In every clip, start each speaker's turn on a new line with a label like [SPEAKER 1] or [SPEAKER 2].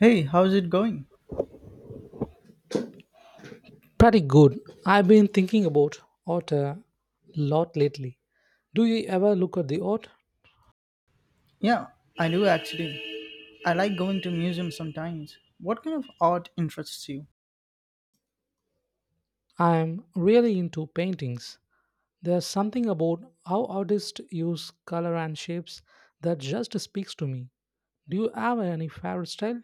[SPEAKER 1] Hey, how's it going?
[SPEAKER 2] Pretty good. I've been thinking about art a lot lately. Do you ever look at the art?
[SPEAKER 1] Yeah, I do actually. I like going to museums sometimes. What kind of art interests you?
[SPEAKER 2] I'm really into paintings. There's something about how artists use color and shapes that just speaks to me. Do you have any favorite style?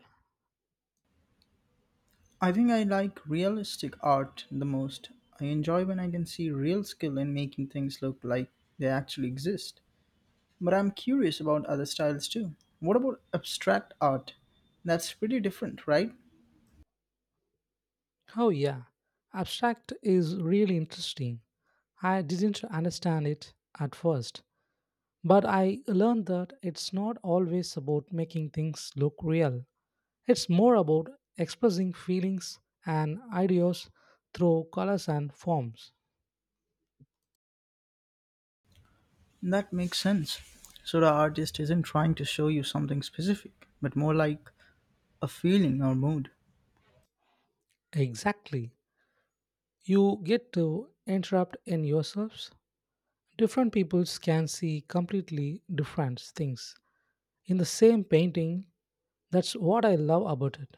[SPEAKER 1] I think I like realistic art the most. I enjoy when I can see real skill in making things look like they actually exist. But I'm curious about other styles too. What about abstract art? That's pretty different, right?
[SPEAKER 2] Oh, yeah. Abstract is really interesting. I didn't understand it at first, but I learned that it's not always about making things look real. It's more about expressing feelings and ideas through colors and forms.
[SPEAKER 1] That makes sense. So the artist isn't trying to show you something specific, but more like a feeling or mood.
[SPEAKER 2] Exactly. You get to interrupt in yourselves. Different peoples can see completely different things in the same painting. That's what I love about it.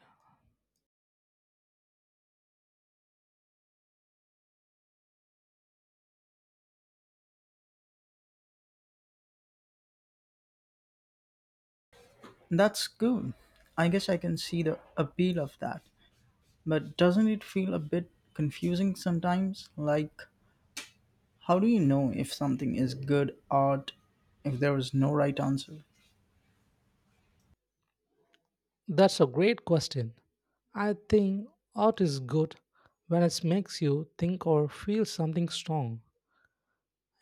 [SPEAKER 1] That's good. I guess I can see the appeal of that. But doesn't it feel a bit confusing sometimes? Like, how do you know if something is good art if there is no right answer?
[SPEAKER 2] That's a great question. I think art is good when it makes you think or feel something strong.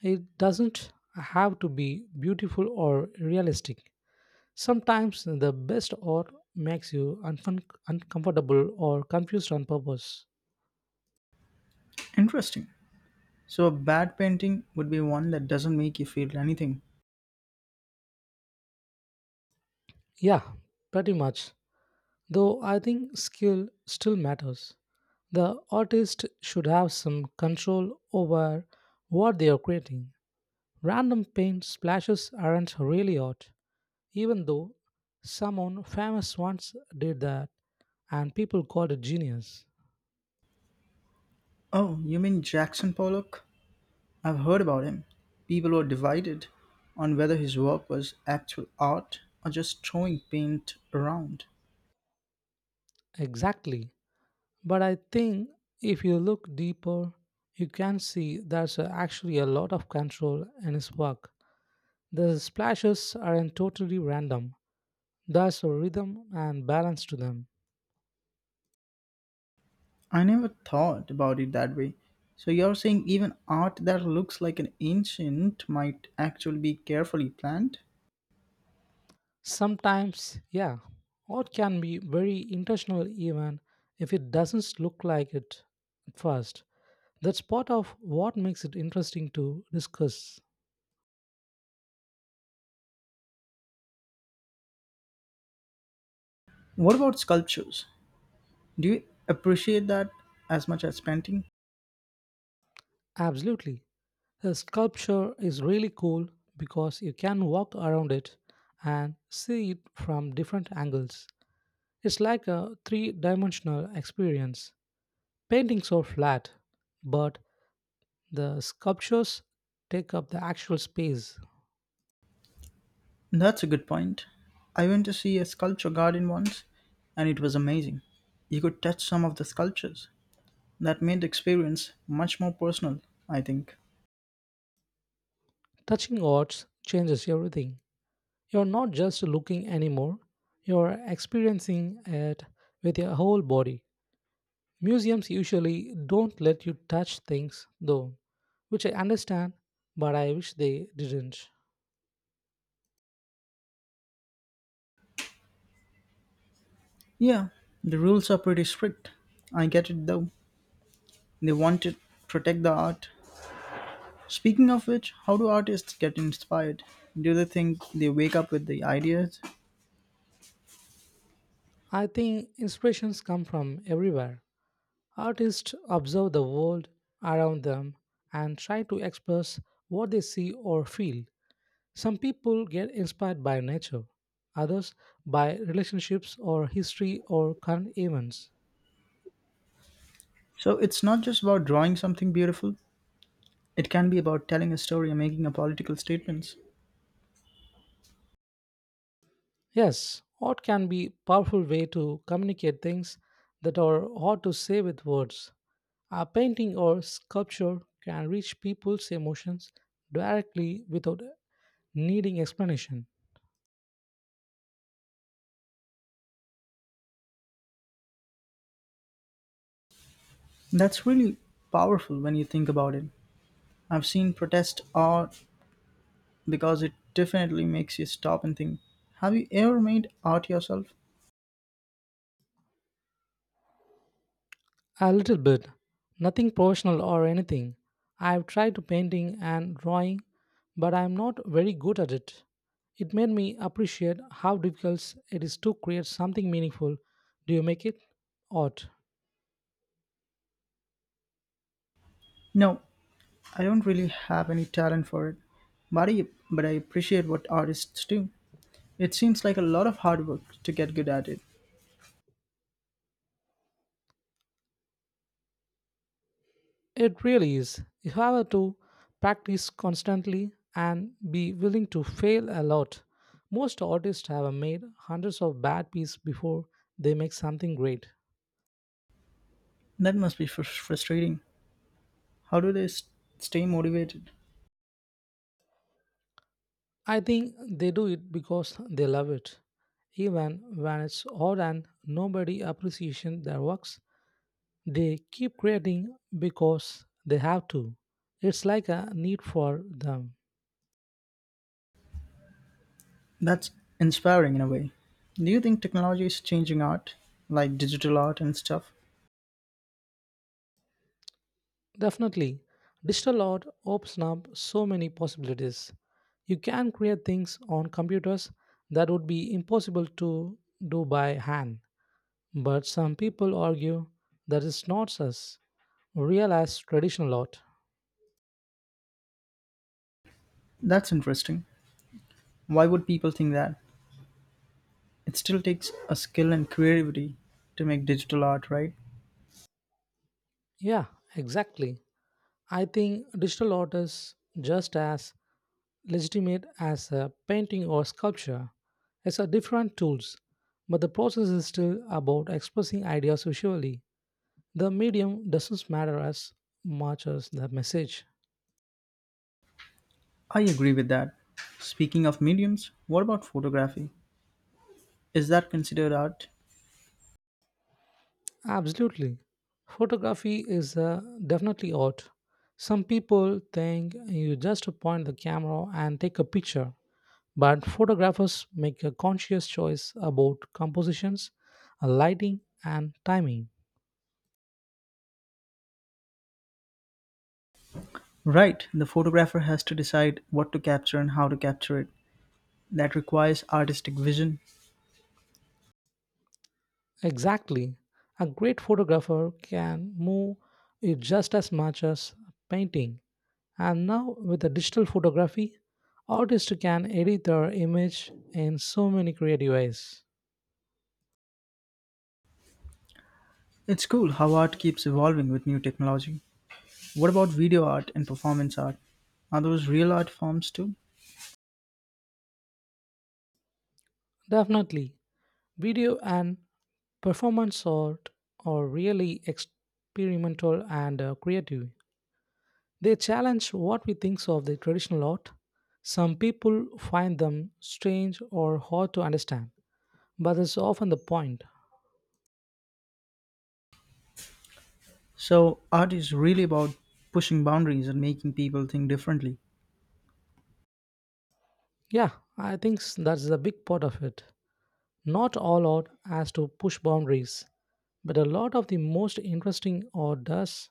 [SPEAKER 2] It doesn't have to be beautiful or realistic. Sometimes the best or makes you uncomfortable or confused on purpose.
[SPEAKER 1] Interesting. So, a bad painting would be one that doesn't make you feel anything.
[SPEAKER 2] Yeah, pretty much. Though I think skill still matters. The artist should have some control over what they are creating. Random paint splashes aren't really art, even though someone famous once did that and people called it genius.
[SPEAKER 1] Oh, you mean Jackson Pollock? I've heard about him. People were divided on whether his work was actual art or just throwing paint around.
[SPEAKER 2] Exactly. But I think if you look deeper, you can see there's actually a lot of control in his work. The splashes aren't totally random, there's a rhythm and balance to them.
[SPEAKER 1] I never thought about it that way. So you're saying even art that looks like an ancient might actually be carefully planned?
[SPEAKER 2] Sometimes, yeah, art can be very intentional even if it doesn't look like it at first. That's part of what makes it interesting to discuss.
[SPEAKER 1] What about sculptures? Do you appreciate that as much as painting?
[SPEAKER 2] Absolutely. A sculpture is really cool because you can walk around it and see it from different angles. It's like a three dimensional experience. Paintings are flat, but the sculptures take up the actual space.
[SPEAKER 1] That's a good point. I went to see a sculpture garden once and it was amazing. You could touch some of the sculptures. That made the experience much more personal, I think.
[SPEAKER 2] Touching arts changes everything. You're not just looking anymore, you're experiencing it with your whole body. Museums usually don't let you touch things, though, which I understand, but I wish they didn't.
[SPEAKER 1] Yeah, the rules are pretty strict. I get it though. They want to protect the art. Speaking of which, how do artists get inspired? Do they think they wake up with the ideas?
[SPEAKER 2] I think inspirations come from everywhere. Artists observe the world around them and try to express what they see or feel. Some people get inspired by nature, others by relationships or history or current events.
[SPEAKER 1] So it's not just about drawing something beautiful, it can be about telling a story and making a political statements.
[SPEAKER 2] Yes, art can be powerful way to communicate things that are hard to say with words. A painting or sculpture can reach people's emotions directly without needing explanation.
[SPEAKER 1] That's really powerful when you think about it. I've seen protest art because it definitely makes you stop and think. Have you ever made art yourself?
[SPEAKER 2] A little bit, nothing professional or anything. I've tried painting and drawing, but I'm not very good at it. It made me appreciate how difficult it is to create something meaningful. Do you make it art?
[SPEAKER 1] No, I don't really have any talent for it. But I, but I appreciate what artists do. It seems like a lot of hard work to get good at it.
[SPEAKER 2] It really is. You have to practice constantly and be willing to fail a lot. Most artists have made hundreds of bad pieces before they make something great.
[SPEAKER 1] That must be frustrating. How do they stay motivated?
[SPEAKER 2] I think they do it because they love it. Even when it's hard and nobody appreciates their works, they keep creating because they have to. It's like a need for them.
[SPEAKER 1] That's inspiring in a way. Do you think technology is changing art, like digital art and stuff?
[SPEAKER 2] Definitely, digital art opens up so many possibilities. You can create things on computers that would be impossible to do by hand. But some people argue that it's not as real as traditional art.
[SPEAKER 1] That's interesting. Why would people think that? It still takes a skill and creativity to make digital art, right?
[SPEAKER 2] Yeah, exactly. I think digital art is just as legitimate as a painting or sculpture. It's a different tools, but the process is still about expressing ideas visually. The medium doesn't matter as much as the message.
[SPEAKER 1] I agree with that. Speaking of mediums, what about photography? Is that considered art?
[SPEAKER 2] Absolutely. Photography is definitely art. Some people think you just point the camera and take a picture, but photographers make a conscious choice about compositions, lighting, and timing.
[SPEAKER 1] Right, the photographer has to decide what to capture and how to capture it. That requires artistic vision.
[SPEAKER 2] Exactly. A great photographer can move you just as much as painting. And now, with the digital photography, artists can edit their image in so many creative ways.
[SPEAKER 1] It's cool how art keeps evolving with new technology. What about video art and performance art? Are those real art forms too?
[SPEAKER 2] Definitely, video and performance art are really experimental and creative. They challenge what we think of the traditional art. Some people find them strange or hard to understand, but that's often the point.
[SPEAKER 1] So, art is really about pushing boundaries and making people think differently.
[SPEAKER 2] Yeah, I think that's the big part of it. Not all art has to push boundaries. But a lot of the most interesting or does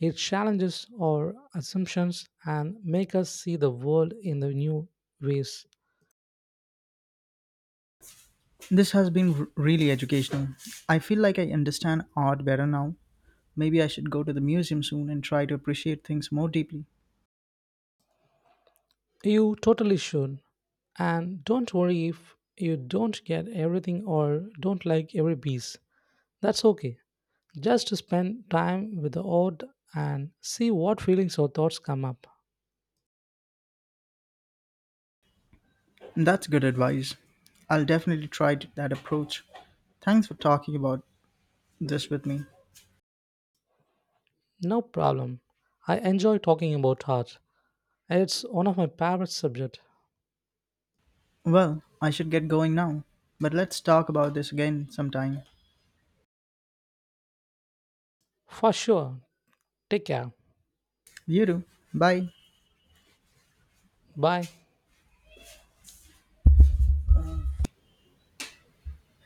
[SPEAKER 2] it challenges our assumptions and make us see the world in the new ways.
[SPEAKER 1] This has been really educational. I feel like I understand art better now. Maybe I should go to the museum soon and try to appreciate things more deeply.
[SPEAKER 2] You totally should. And don't worry if you don't get everything or don't like every piece. That's okay. Just spend time with the odd and see what feelings or thoughts come up.
[SPEAKER 1] That's good advice. I'll definitely try that approach. Thanks for talking about this with me.
[SPEAKER 2] No problem. I enjoy talking about art. It's one of my favorite subjects.
[SPEAKER 1] Well, I should get going now, but let's talk about this again sometime.
[SPEAKER 2] For sure. Take care.
[SPEAKER 1] You do. Bye.
[SPEAKER 2] Bye.